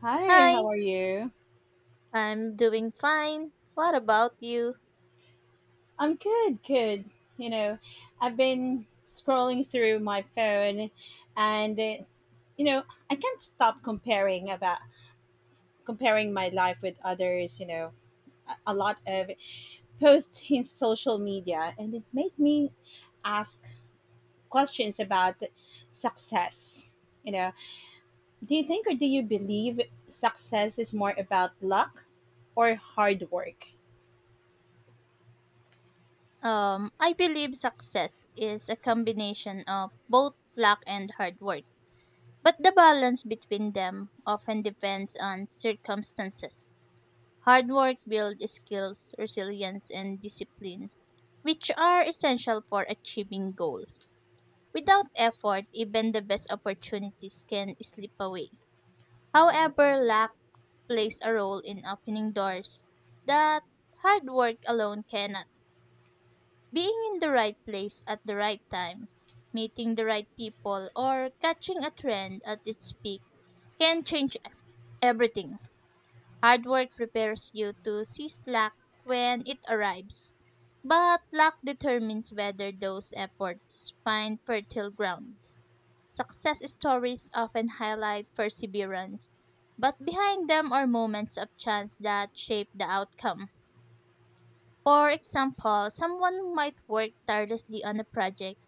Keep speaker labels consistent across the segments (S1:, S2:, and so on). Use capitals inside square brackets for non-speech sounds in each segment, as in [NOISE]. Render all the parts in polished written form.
S1: Hi,
S2: Hi,
S1: how are you?
S2: I'm doing fine. What about you?
S1: I'm good, good. You know, I've been scrolling through my phone and you know, I can't stop comparing my life with others, a lot of posts in social media, and it made me ask questions about success. You know, do you think, or do you believe success is more about luck or hard work?
S2: I believe success is a combination of both luck and hard work, but the balance between them often depends on circumstances. Hard work builds skills, resilience, and discipline, which are essential for achieving goals. Without effort, even the best opportunities can slip away. However, luck plays a role in opening doors that hard work alone cannot. Being in the right place at the right time, meeting the right people, or catching a trend at its peak can change everything. Hard work prepares you to seize luck when it arrives, but luck determines whether those efforts find fertile ground. Success stories often highlight perseverance, but behind them are moments of chance that shape the outcome. For example, someone might work tirelessly on a project,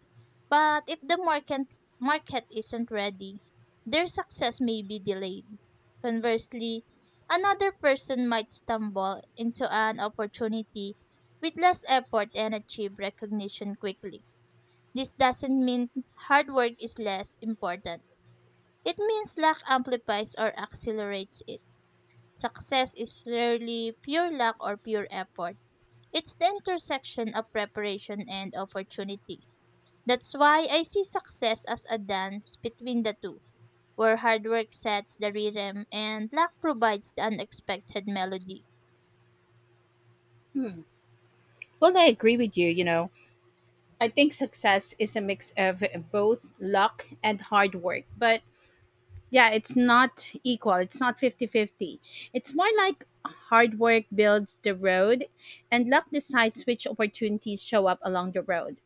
S2: but if the market isn't ready, their success may be delayed. Conversely, another person might stumble into an opportunity with less effort and achieve recognition quickly. This doesn't mean hard work is less important, it means luck amplifies or accelerates it. Success is rarely pure luck or pure effort. It's the intersection of preparation and opportunity. That's why I see success as a dance between the two, where hard work sets the rhythm and luck provides the unexpected melody.
S1: Hmm. Well, I agree with you, you know I think success is a mix of both luck and hard work. But yeah, it's not equal. It's not fifty-fifty. It's more like hard work builds the road, and luck decides which opportunities show up along the road.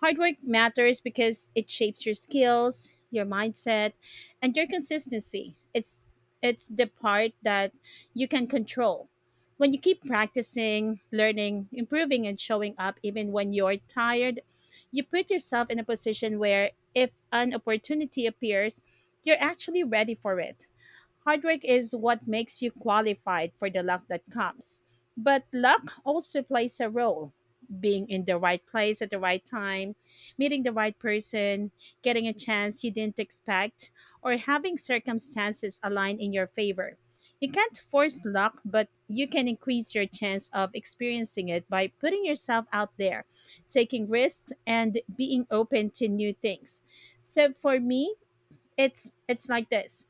S1: Hard work matters because it shapes your skills, your mindset, and your consistency. It's the part that you can control. When you keep practicing, learning, improving, and showing up even when you're tired, you put yourself in a position where, if an opportunity appears, you're actually ready for it. Hard work is what makes you qualified for the luck that comes. But luck also plays a role. Being in the right place at the right time, meeting the right person, getting a chance you didn't expect, or having circumstances align in your favor. You can't force luck, but you can increase your chance of experiencing it by putting yourself out there, taking risks, and being open to new things. So, for me, it's like this: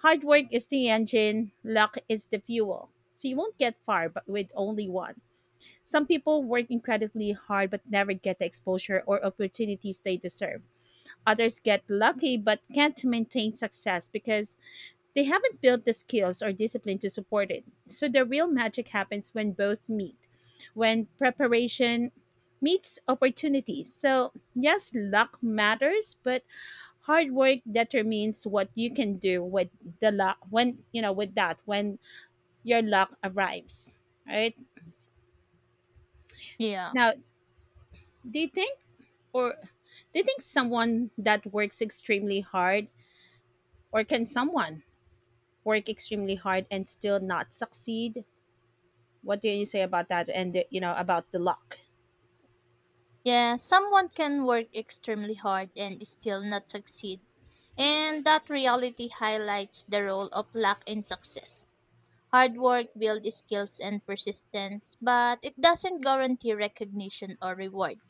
S1: hard work is the engine, luck is the fuel, so you won't get far but with only one. Some people work incredibly hard but never get the exposure or opportunities they deserve. Others get lucky but can't maintain success because they haven't built the skills or discipline to support it. So the real magic happens when both meet, when preparation meets opportunities. So yes, luck matters, but hard work determines what you can do with the luck when, with that, when your luck arrives, right?
S2: Yeah.
S1: Now, do you think or do you think, someone that works extremely hard, or can someone work extremely hard and still not succeed? What do you say about that, and, about the luck?
S2: Yeah, someone can work extremely hard and still not succeed. And that reality highlights the role of luck in success. Hard work builds skills and persistence, but it doesn't guarantee recognition or reward.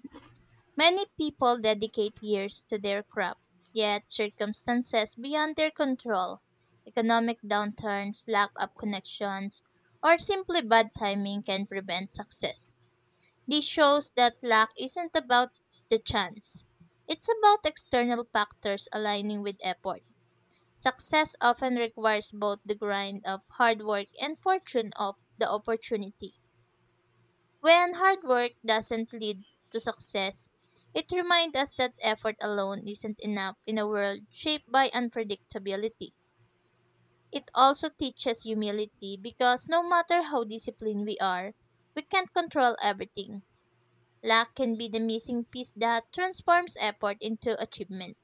S2: Many people dedicate years to their craft, yet circumstances beyond their control, economic downturns, lack of connections, or simply bad timing can prevent success. This shows that luck isn't about the chance. It's about external factors aligning with effort. Success often requires both the grind of hard work and fortune of the opportunity. When hard work doesn't lead to success, it reminds us that effort alone isn't enough in a world shaped by unpredictability. It also teaches humility because no matter how disciplined we are, we can't control everything. Luck can be the missing piece that transforms effort into achievement.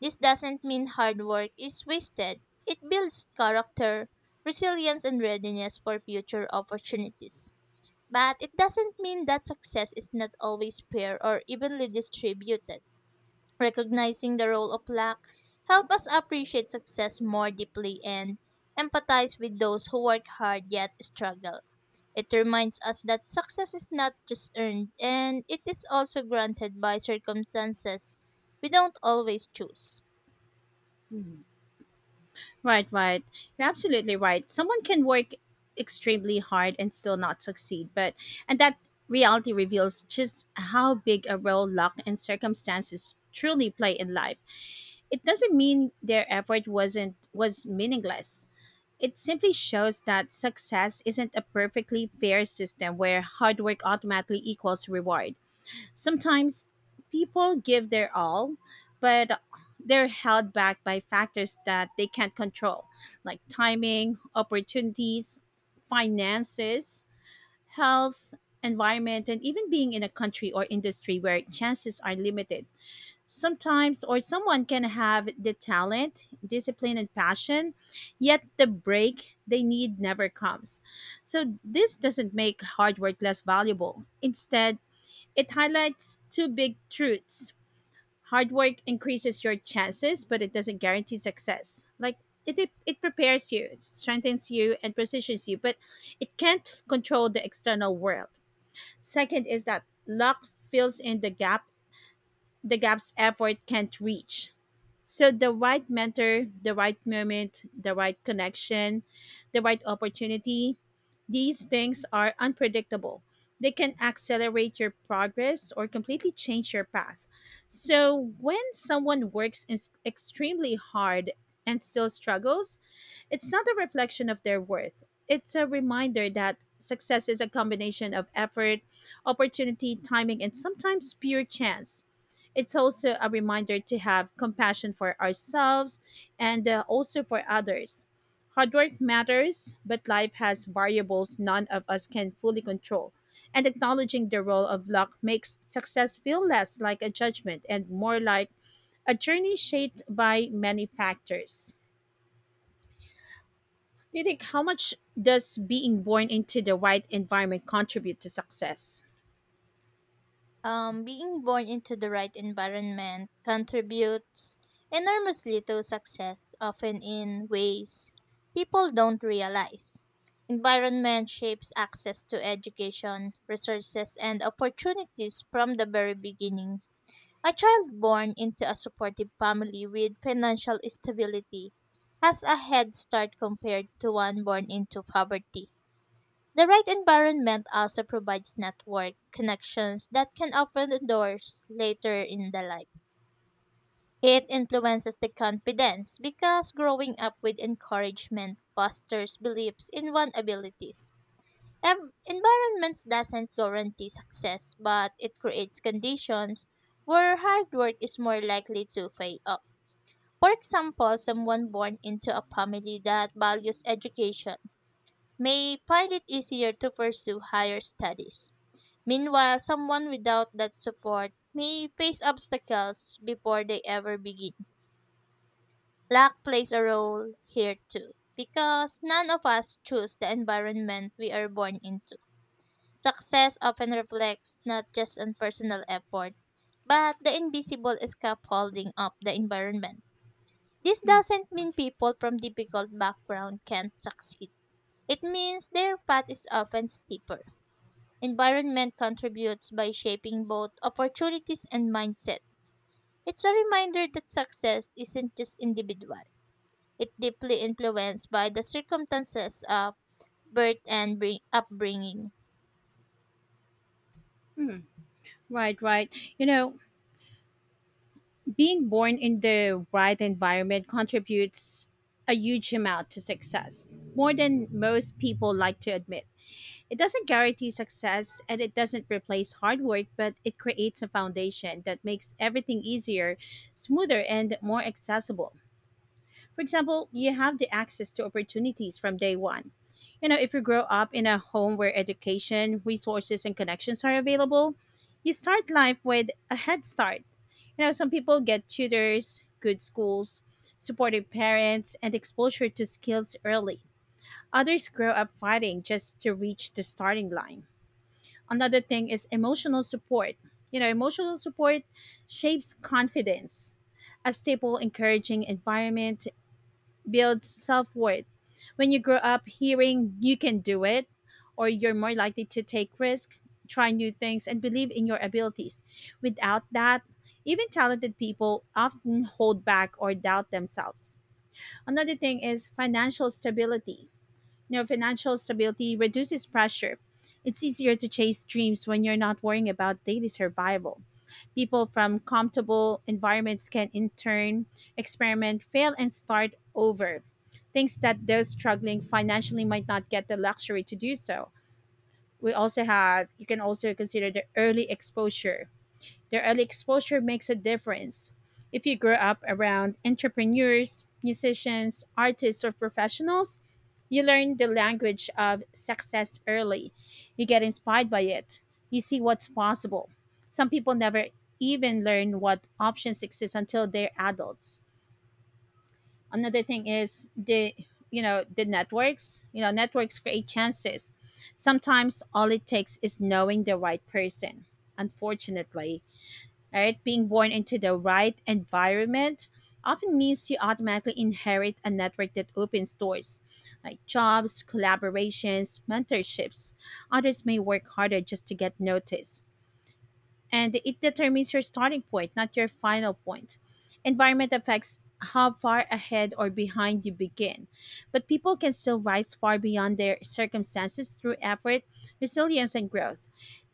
S2: This doesn't mean hard work is wasted. It builds character, resilience, and readiness for future opportunities. But it doesn't mean that success is not always fair or evenly distributed. Recognizing the role of luck help us appreciate success more deeply and empathize with those who work hard yet struggle. It reminds us that success is not just earned and it is also granted by circumstances we don't always choose.
S1: Right, right. You're absolutely right. Someone can work extremely hard and still not succeed, but and that reality reveals just how big a role luck and circumstances truly play in life. It doesn't mean their effort wasn't was meaningless. It simply shows that success isn't a perfectly fair system where hard work automatically equals reward. Sometimes people give their all, but they're held back by factors that they can't control, like timing, opportunities, finances, health, environment, and even being in a country or industry where chances are limited. Sometimes, or someone can have the talent, discipline, and passion, yet the break they need never comes. So, this doesn't make hard work less valuable. Instead, it highlights two big truths. Hard work increases your chances, but it doesn't guarantee success. Like it prepares you, it strengthens you, and positions you, but it can't control the external world. Second is that luck fills in the gaps effort can't reach. So the right mentor, the right moment, the right connection, the right opportunity, these things are unpredictable. They can accelerate your progress or completely change your path. So when someone works is extremely hard and still struggles, it's not a reflection of their worth. It's a reminder that success is a combination of effort, opportunity, timing, and sometimes pure chance. It's also a reminder to have compassion for ourselves and also for others. Hard work matters, but life has variables none of us can fully control. And acknowledging the role of luck makes success feel less like a judgment and more like a journey shaped by many factors. Do you think, how much does being born into the right environment contribute to success?
S2: Being born into the right environment contributes enormously to success, often in ways people don't realize. Environment shapes access to education, resources, and opportunities from the very beginning. A child born into a supportive family with financial stability has a head start compared to one born into poverty. The right environment also provides network connections that can open the doors later in the life. It influences the confidence because growing up with encouragement fosters beliefs in one's abilities. Environments doesn't guarantee success, but it creates conditions where hard work is more likely to pay off. For example, someone born into a family that values education may find it easier to pursue higher studies. Meanwhile, someone without that support may face obstacles before they ever begin. Luck plays a role here too, because none of us choose the environment we are born into. Success often reflects not just on personal effort, but the invisible scaffolding of the environment. This doesn't mean people from difficult background can't succeed. It means their path is often steeper. Environment contributes by shaping both opportunities and mindset. It's a reminder that success isn't just individual, it's deeply influenced by the circumstances of upbringing.
S1: Hmm, right, right. You know, Being born in the right environment contributes a huge amount to success, more than most people like to admit. It doesn't guarantee success, and it doesn't replace hard work, but it creates a foundation that makes everything easier, smoother, and more accessible. For example, you have the access to opportunities from day one. If you grow up in a home where education, resources, and connections are available, you start life with a head start. Some people get tutors, good schools, supportive parents, and exposure to skills early. Others grow up fighting just to reach the starting line. Another thing is emotional support. Emotional support shapes confidence. A stable, encouraging environment builds self worth. When you grow up hearing you can do it, or you're more likely to take risk, try new things, and believe in your abilities. Without that, even talented people often hold back or doubt themselves. Another thing is financial stability. Financial stability reduces pressure. It's easier to chase dreams when you're not worrying about daily survival. People from comfortable environments can, in turn, experiment, fail, and start over. Things that those struggling financially might not get the luxury to do so. You can also consider the early exposure makes a difference. If you grow up around entrepreneurs, musicians, artists, or professionals, you learn the language of success early. You get inspired by it. You see what's possible. Some people never even learn what options exist until they're adults. Another thing is the networks. Networks create chances. Sometimes all it takes is knowing the right person. Unfortunately, right? Being born into the right environment often means you automatically inherit a network that opens doors, like jobs, collaborations, mentorships. Others may work harder just to get noticed, and it determines your starting point, not your final point. Environment affects how far ahead or behind you begin, but people can still rise far beyond their circumstances through effort, resilience, and growth.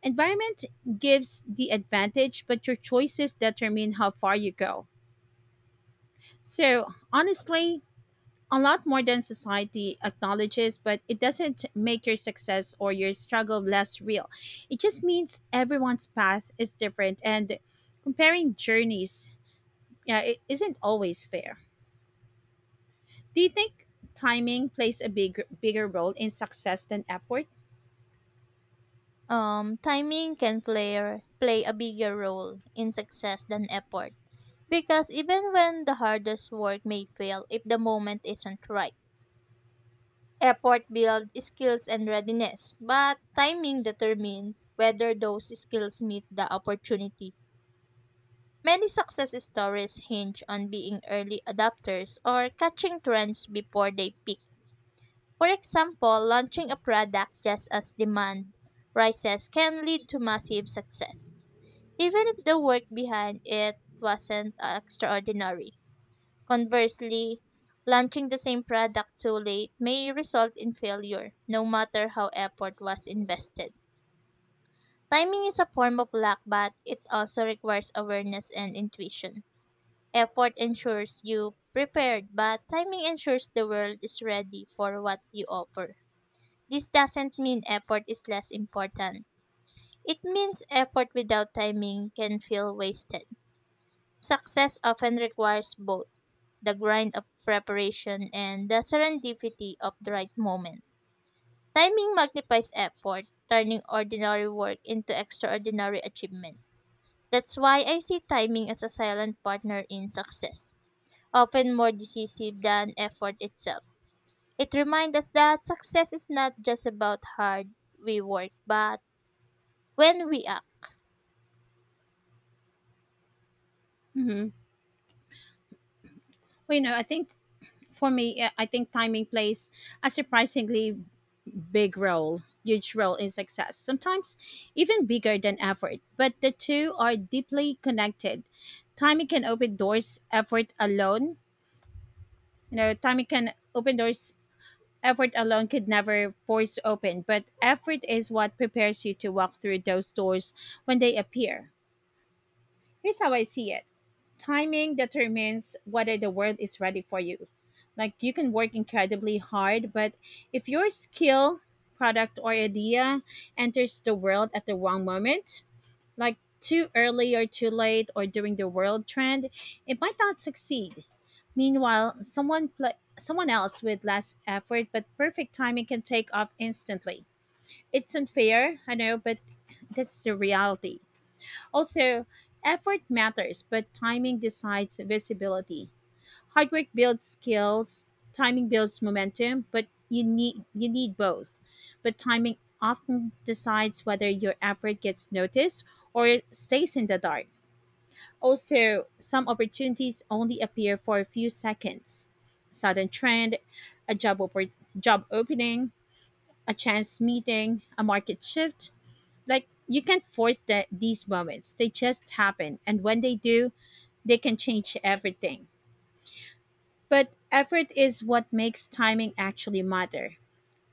S1: Environment gives the advantage, but your choices determine how far you go. So, honestly, a lot more than society acknowledges, but it doesn't make your success or your struggle less real. It just means everyone's path is different, and comparing journeys, yeah, it isn't always fair. Do you think timing plays a bigger role in success than effort?
S2: Timing can play a bigger role in success than effort because even when the hardest work may fail if the moment isn't right, effort builds skills and readiness, but timing determines whether those skills meet the opportunity. Many success stories hinge on being early adopters or catching trends before they peak. For example, launching a product just as demand rises can lead to massive success, even if the work behind it wasn't extraordinary. Conversely, launching the same product too late may result in failure, no matter how effort was invested. Timing is a form of luck, but it also requires awareness and intuition. Effort ensures you prepared, but timing ensures the world is ready for what you offer. This doesn't mean effort is less important. It means effort without timing can feel wasted. Success often requires both the grind of preparation and the serendipity of the right moment. Timing magnifies effort, turning ordinary work into extraordinary achievement. That's why I see timing as a silent partner in success, often more decisive than effort itself. It reminds us that success is not just about hard we work, but when we act.
S1: Mm-hmm. Well, I think for me, I think timing plays a surprisingly big role, huge role in success, sometimes even bigger than effort. But the two are deeply connected. Timing can open doors, effort alone, Timing can open doors, effort alone could never force open, but effort is what prepares you to walk through those doors when they appear. Here's how I see it: timing determines whether the world is ready for you. Like, you can work incredibly hard, but if your skill, product, or idea enters the world at the wrong moment, like too early or too late or during the world trend, it might not succeed. Meanwhile, someone else with less effort but perfect timing can take off instantly. It's unfair, I know, but that's the reality. Also, effort matters, but timing decides visibility. Hard work builds skills, timing builds momentum, but you need both. But timing often decides whether your effort gets noticed or stays in the dark. Also, some opportunities only appear for a few seconds. Sudden trend, a job opening, a chance meeting, a market shift, like, you can't force that these moments. They just happen, and when they do, they can change everything. But effort is what makes timing actually matter.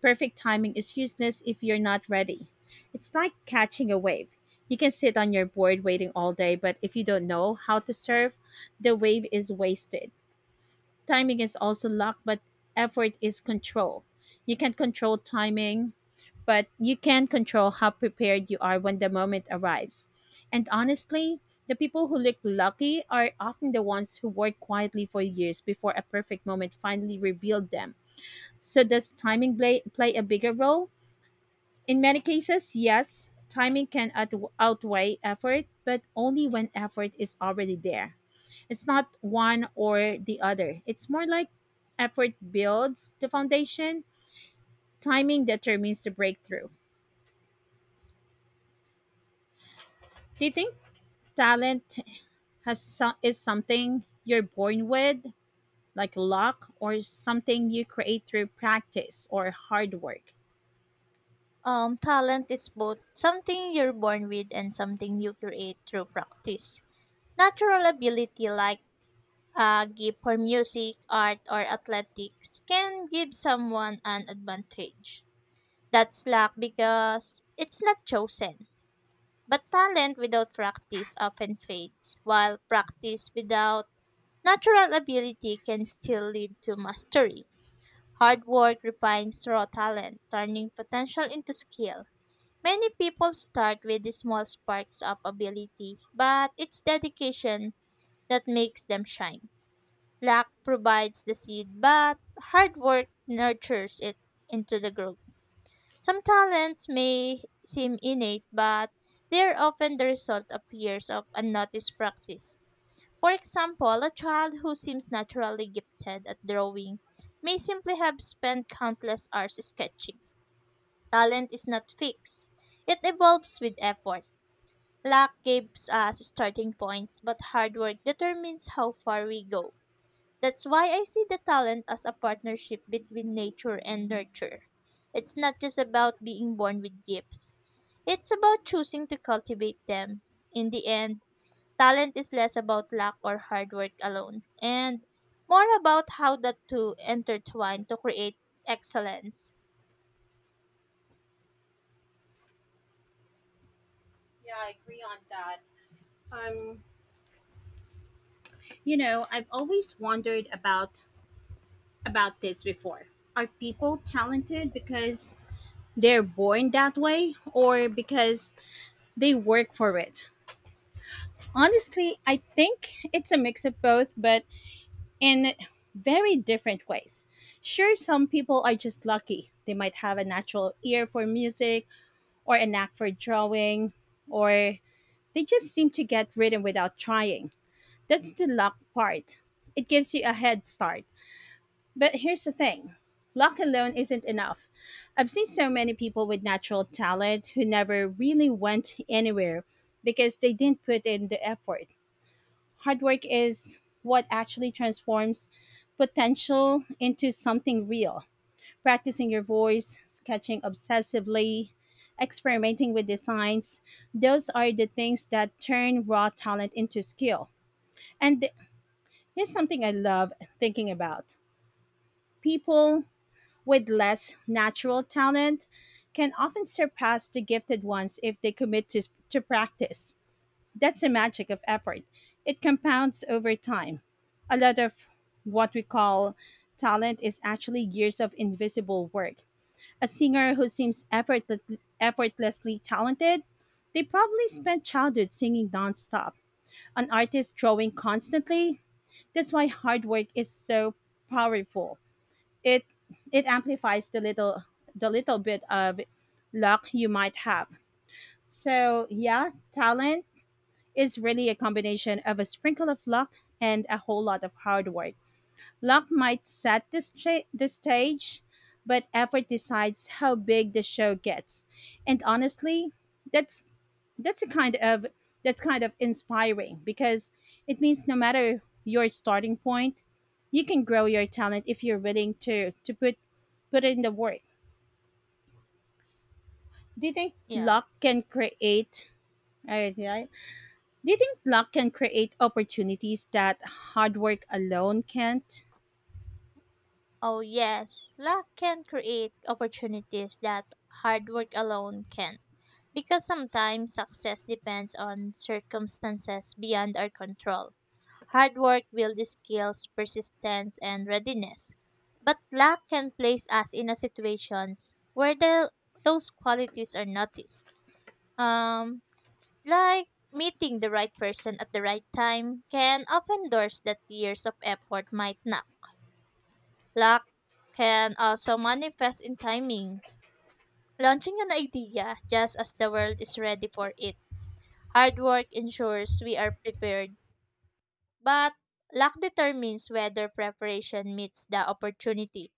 S1: Perfect timing is useless if you're not ready. It's like catching a wave. You can sit on your board waiting all day, but if you don't know how to surf, the wave is wasted. Timing is also luck, but effort is control. You can't control timing, but you can control how prepared you are when the moment arrives. And honestly, the people who look lucky are often the ones who work quietly for years before a perfect moment finally revealed them. So, does timing play a bigger role? In many cases, yes, timing can outweigh effort, but only when effort is already there. It's not one or the other. It's more like effort builds the foundation, timing determines the breakthrough. Do you think talent is something you're born with, like luck, or something you create through practice or hard work?
S2: Talent is both something you're born with and something you create through practice. Natural ability like a gift for music, art, or athletics can give someone an advantage. That's luck because it's not chosen. But talent without practice often fades, while practice without natural ability can still lead to mastery. Hard work refines raw talent, turning potential into skill. Many people start with the small sparks of ability, but it's dedication that makes them shine. Luck provides the seed, but hard work nurtures it into the growth. Some talents may seem innate, but they are often the result of years of unnoticed practice. For example, a child who seems naturally gifted at drawing may simply have spent countless hours sketching. Talent is not fixed, it evolves with effort. Luck gives us starting points, but hard work determines how far we go. That's why I see the talent as a partnership between nature and nurture. It's not just about being born with gifts, it's about choosing to cultivate them. In the end, talent is less about luck or hard work alone, and more about how the two intertwine to create excellence.
S1: Yeah, I agree on that. Um, I've always wondered about this before. Are people talented because they're born that way, or because they work for it? Honestly, I think it's a mix of both, but in very different ways. Sure, some people are just lucky. They might have a natural ear for music, or a knack for drawing, or they just seem to get rhythm without trying. That's the luck part. It gives you a head start. But here's the thing: luck alone isn't enough. I've seen so many people with natural talent who never really went anywhere because they didn't put in the effort. Hard work is what actually transforms potential into something real. Practicing your voice, sketching obsessively, experimenting with designs, those are the things that turn raw talent into skill. And th- Here's something I love thinking about. People with less natural talent can often surpass the gifted ones if they commit to practice. That's the magic of effort. It compounds over time. A lot of what we call talent is actually years of invisible work. A singer who seems effortless, effortlessly talented, they probably spent childhood singing nonstop. An artist drawing constantly, that's why hard work is so powerful. It it amplifies the little bit of luck you might have. So yeah, talent is really a combination of a sprinkle of luck and a whole lot of hard work. Luck might set the stage, but effort decides how big the show gets. And honestly, that's that's a kind of that's kind of inspiring because it means no matter your starting point, you can grow your talent if you're willing to put in the work. Do you think
S2: Yeah.
S1: luck can create? Uh, yeah, Do you think luck can create opportunities that hard work alone can't?
S2: Oh, yes, luck can create opportunities that hard work alone can. Because sometimes success depends on circumstances beyond our control. Hard work builds skills, persistence, and readiness. But luck can place us in a situations where those qualities are noticed. Um, like meeting the right person at the right time can open doors that years of effort might not. Luck can also manifest in timing, launching an idea just as the world is ready for it. Hard work ensures we are prepared, but luck determines whether preparation meets the opportunity.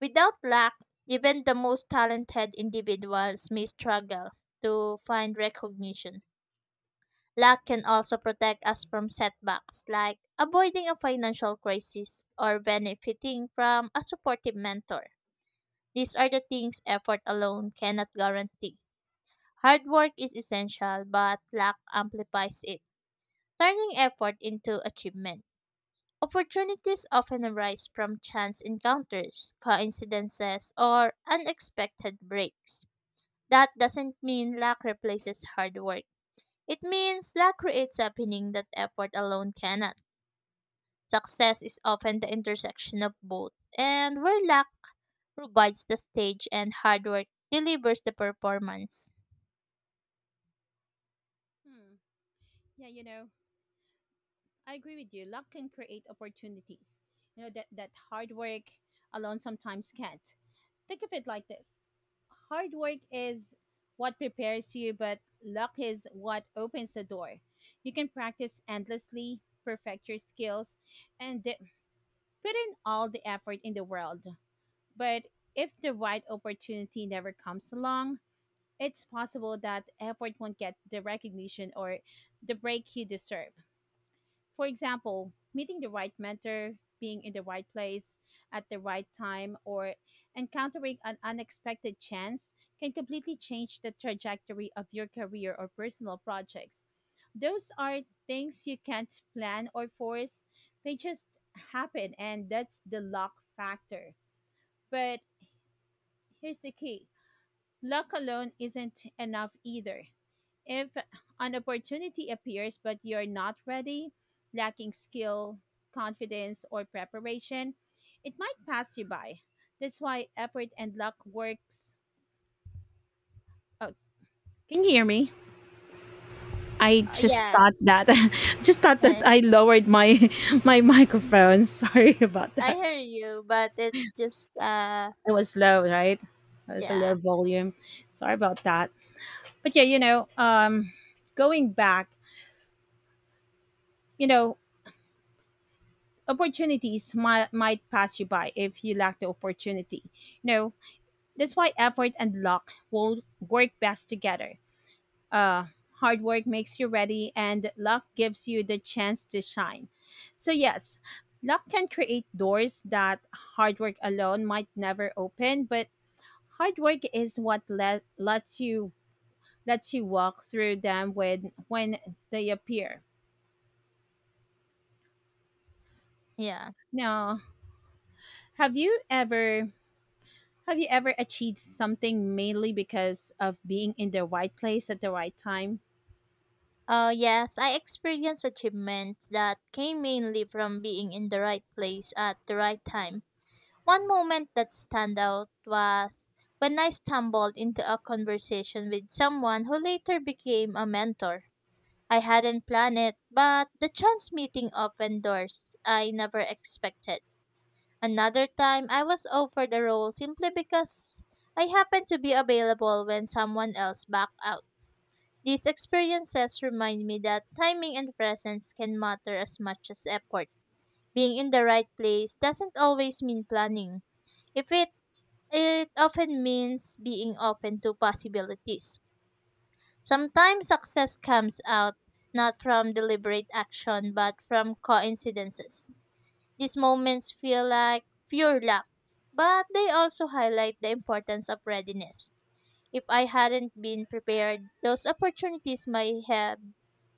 S2: Without luck, even the most talented individuals may struggle to find recognition. Luck can also protect us from setbacks like avoiding a financial crisis or benefiting from a supportive mentor. These are the things effort alone cannot guarantee. Hard work is essential, but luck amplifies it, turning effort into achievement. Opportunities often arise from chance encounters, coincidences, or unexpected breaks. That doesn't mean luck replaces hard work. It means luck creates happening that effort alone cannot. Success is often the intersection of both, and where luck provides the stage and hard work delivers the performance.
S1: Hmm. Yeah, you know, I agree with you. Luck can create opportunities, you know, that hard work alone sometimes can't. Think of it like this: hard work is what prepares you, but luck is what opens the door. You can practice endlessly, perfect your skills, and put in all the effort in the world. But if the right opportunity never comes along, it's possible that effort won't get the recognition or the break you deserve. For example, meeting the right mentor, being in the right place at the right time, or encountering an unexpected chance can completely change the trajectory of your career or personal projects. Those are things you can't plan or force, they just happen, and that's the luck factor. But here's the key: luck alone isn't enough either. If an opportunity appears but you're not ready, lacking skill, confidence, or preparation, it might pass you by. That's why effort and luck works. Oh, can you hear me? I just thought
S2: Yes.
S1: that [LAUGHS] just thought that
S2: Eh.
S1: I lowered my [LAUGHS] my
S2: [LAUGHS]
S1: microphone. [LAUGHS] Sorry about
S2: I
S1: that.
S2: hear you, but it's just
S1: It was low, right? It was a low
S2: yeah.
S1: volume. Sorry about that. But yeah, you know, going back, you know, opportunities might pass you by if you lack the opportunity. You know, that's why effort and luck will work best together. Uh, Hard work makes you ready, and luck gives you the chance to shine. So yes, luck can create doors that hard work alone might never open, but hard work is what lets you walk through them when they appear.
S2: Yeah.
S1: Now, have you ever have you ever achieved something mainly because of being in the right place at the right time?
S2: Oh, yes, I experienced achievements that came mainly from being in the right place at the right time. One moment that stand out was when I stumbled into a conversation with someone who later became a mentor. I hadn't planned it, but the chance meeting opened doors I never expected. Another time, I was offered a role simply because I happened to be available when someone else backed out. These experiences remind me that timing and presence can matter as much as effort. Being in the right place doesn't always mean planning. If it It often means being open to possibilities. Sometimes success comes out not from deliberate action but from coincidences. These moments feel like pure luck, but they also highlight the importance of readiness. If I hadn't been prepared, those opportunities might have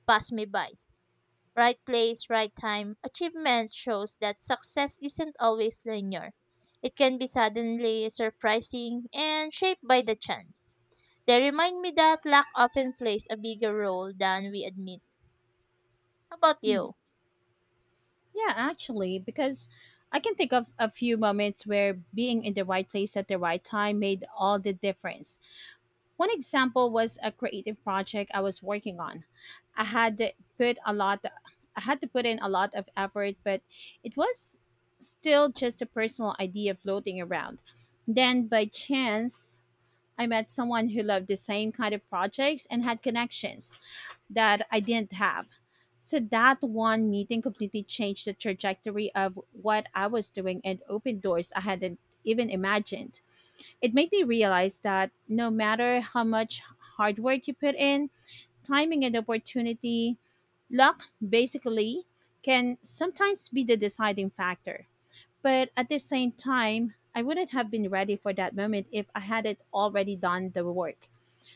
S2: passed me by. Right place, right time. Achievement shows that success isn't always linear. It can be suddenly surprising and shaped by the chance. They remind me that luck often plays a bigger role than we admit. How about
S1: Hmm.
S2: you?
S1: Yeah, actually, because I can think of a few moments where being in the right place at the right time made all the difference. One example was a creative project I was working on. I had to put a lot I had to put in a lot of effort, but it was still just a personal idea floating around. Then by chance, I met someone who loved the same kind of projects and had connections that I didn't have. So that one meeting completely changed the trajectory of what I was doing and opened doors I hadn't even imagined. It made me realize that no matter how much hard work you put in, timing and opportunity, luck basically, can sometimes be the deciding factor. But at the same time, I wouldn't have been ready for that moment if I hadn't already done the work.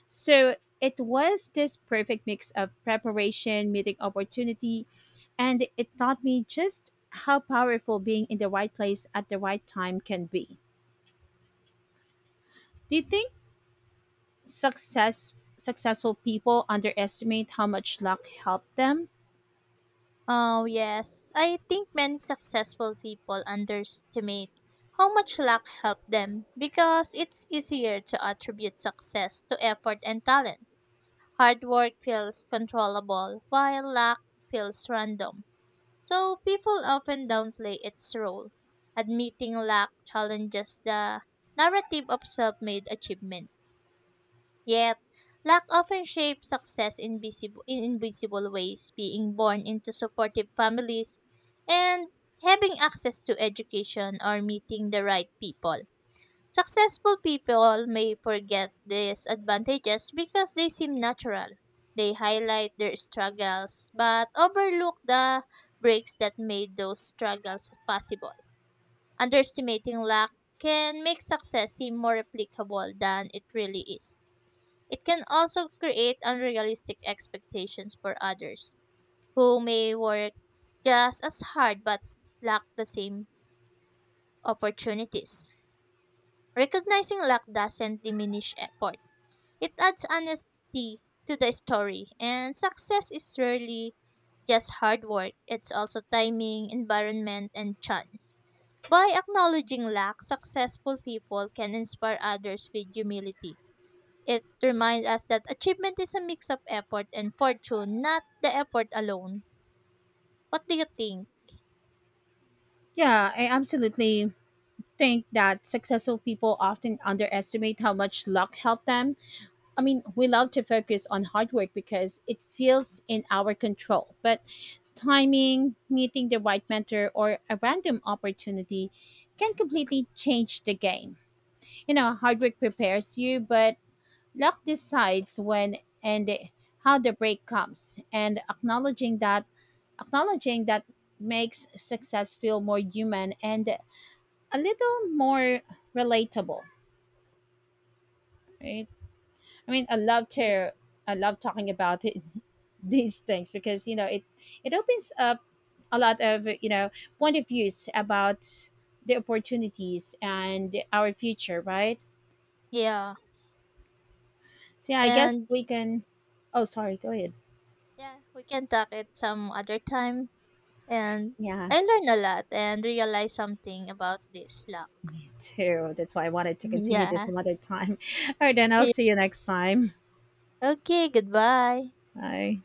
S1: So it was this perfect mix of preparation, meeting opportunity, and it taught me just how powerful being in the right place at the right time can be. Do you think successful people underestimate how much luck helped them?
S2: Oh, yes. I think many successful people underestimate how much luck helped them because it's easier to attribute success to effort and talent. Hard work feels controllable, while luck feels random. So people often downplay its role, admitting lack challenges the narrative of self-made achievement. Yet, lack often shapes success in in invisible ways, being born into supportive families and having access to education or meeting the right people. Successful people may forget these advantages because they seem natural. They highlight their struggles but overlook the breaks that made those struggles possible. Underestimating luck can make success seem more replicable than it really is. It can also create unrealistic expectations for others who may work just as hard but lack the same opportunities. Recognizing luck doesn't diminish effort. It adds honesty to the story, and success is rarely just hard work, it's also timing, environment, and chance. By acknowledging lack, successful people can inspire others with humility. It reminds us that achievement is a mix of effort and fortune, not the effort alone. What do you think?
S1: Yeah, I absolutely think that successful people often underestimate how much luck helped them. I mean, we love to focus on hard work because it feels in our control, but timing, meeting the right mentor, or a random opportunity can completely change the game. You know, hard work prepares you, but luck decides when and how the break comes. And acknowledging that makes success feel more human and a little more relatable, right? I mean,
S2: Y-
S1: I love talking about it, [LAUGHS] these things, because you know, it opens up a lot of, you know, point of views about the opportunities and our future, right?
S2: Yeah.
S1: So yeah, I guess
S2: And
S1: we can. Oh, sorry, go ahead.
S2: yeah, we can talk it some other time. And
S1: Yeah,
S2: I learned a lot and realized something about this lack.
S1: too. That's why I wanted to continue this
S2: Yeah.
S1: another time. [LAUGHS] All right, then I'll see
S2: [LAUGHS]
S1: you next time.
S2: Okay, goodbye.
S1: Bye.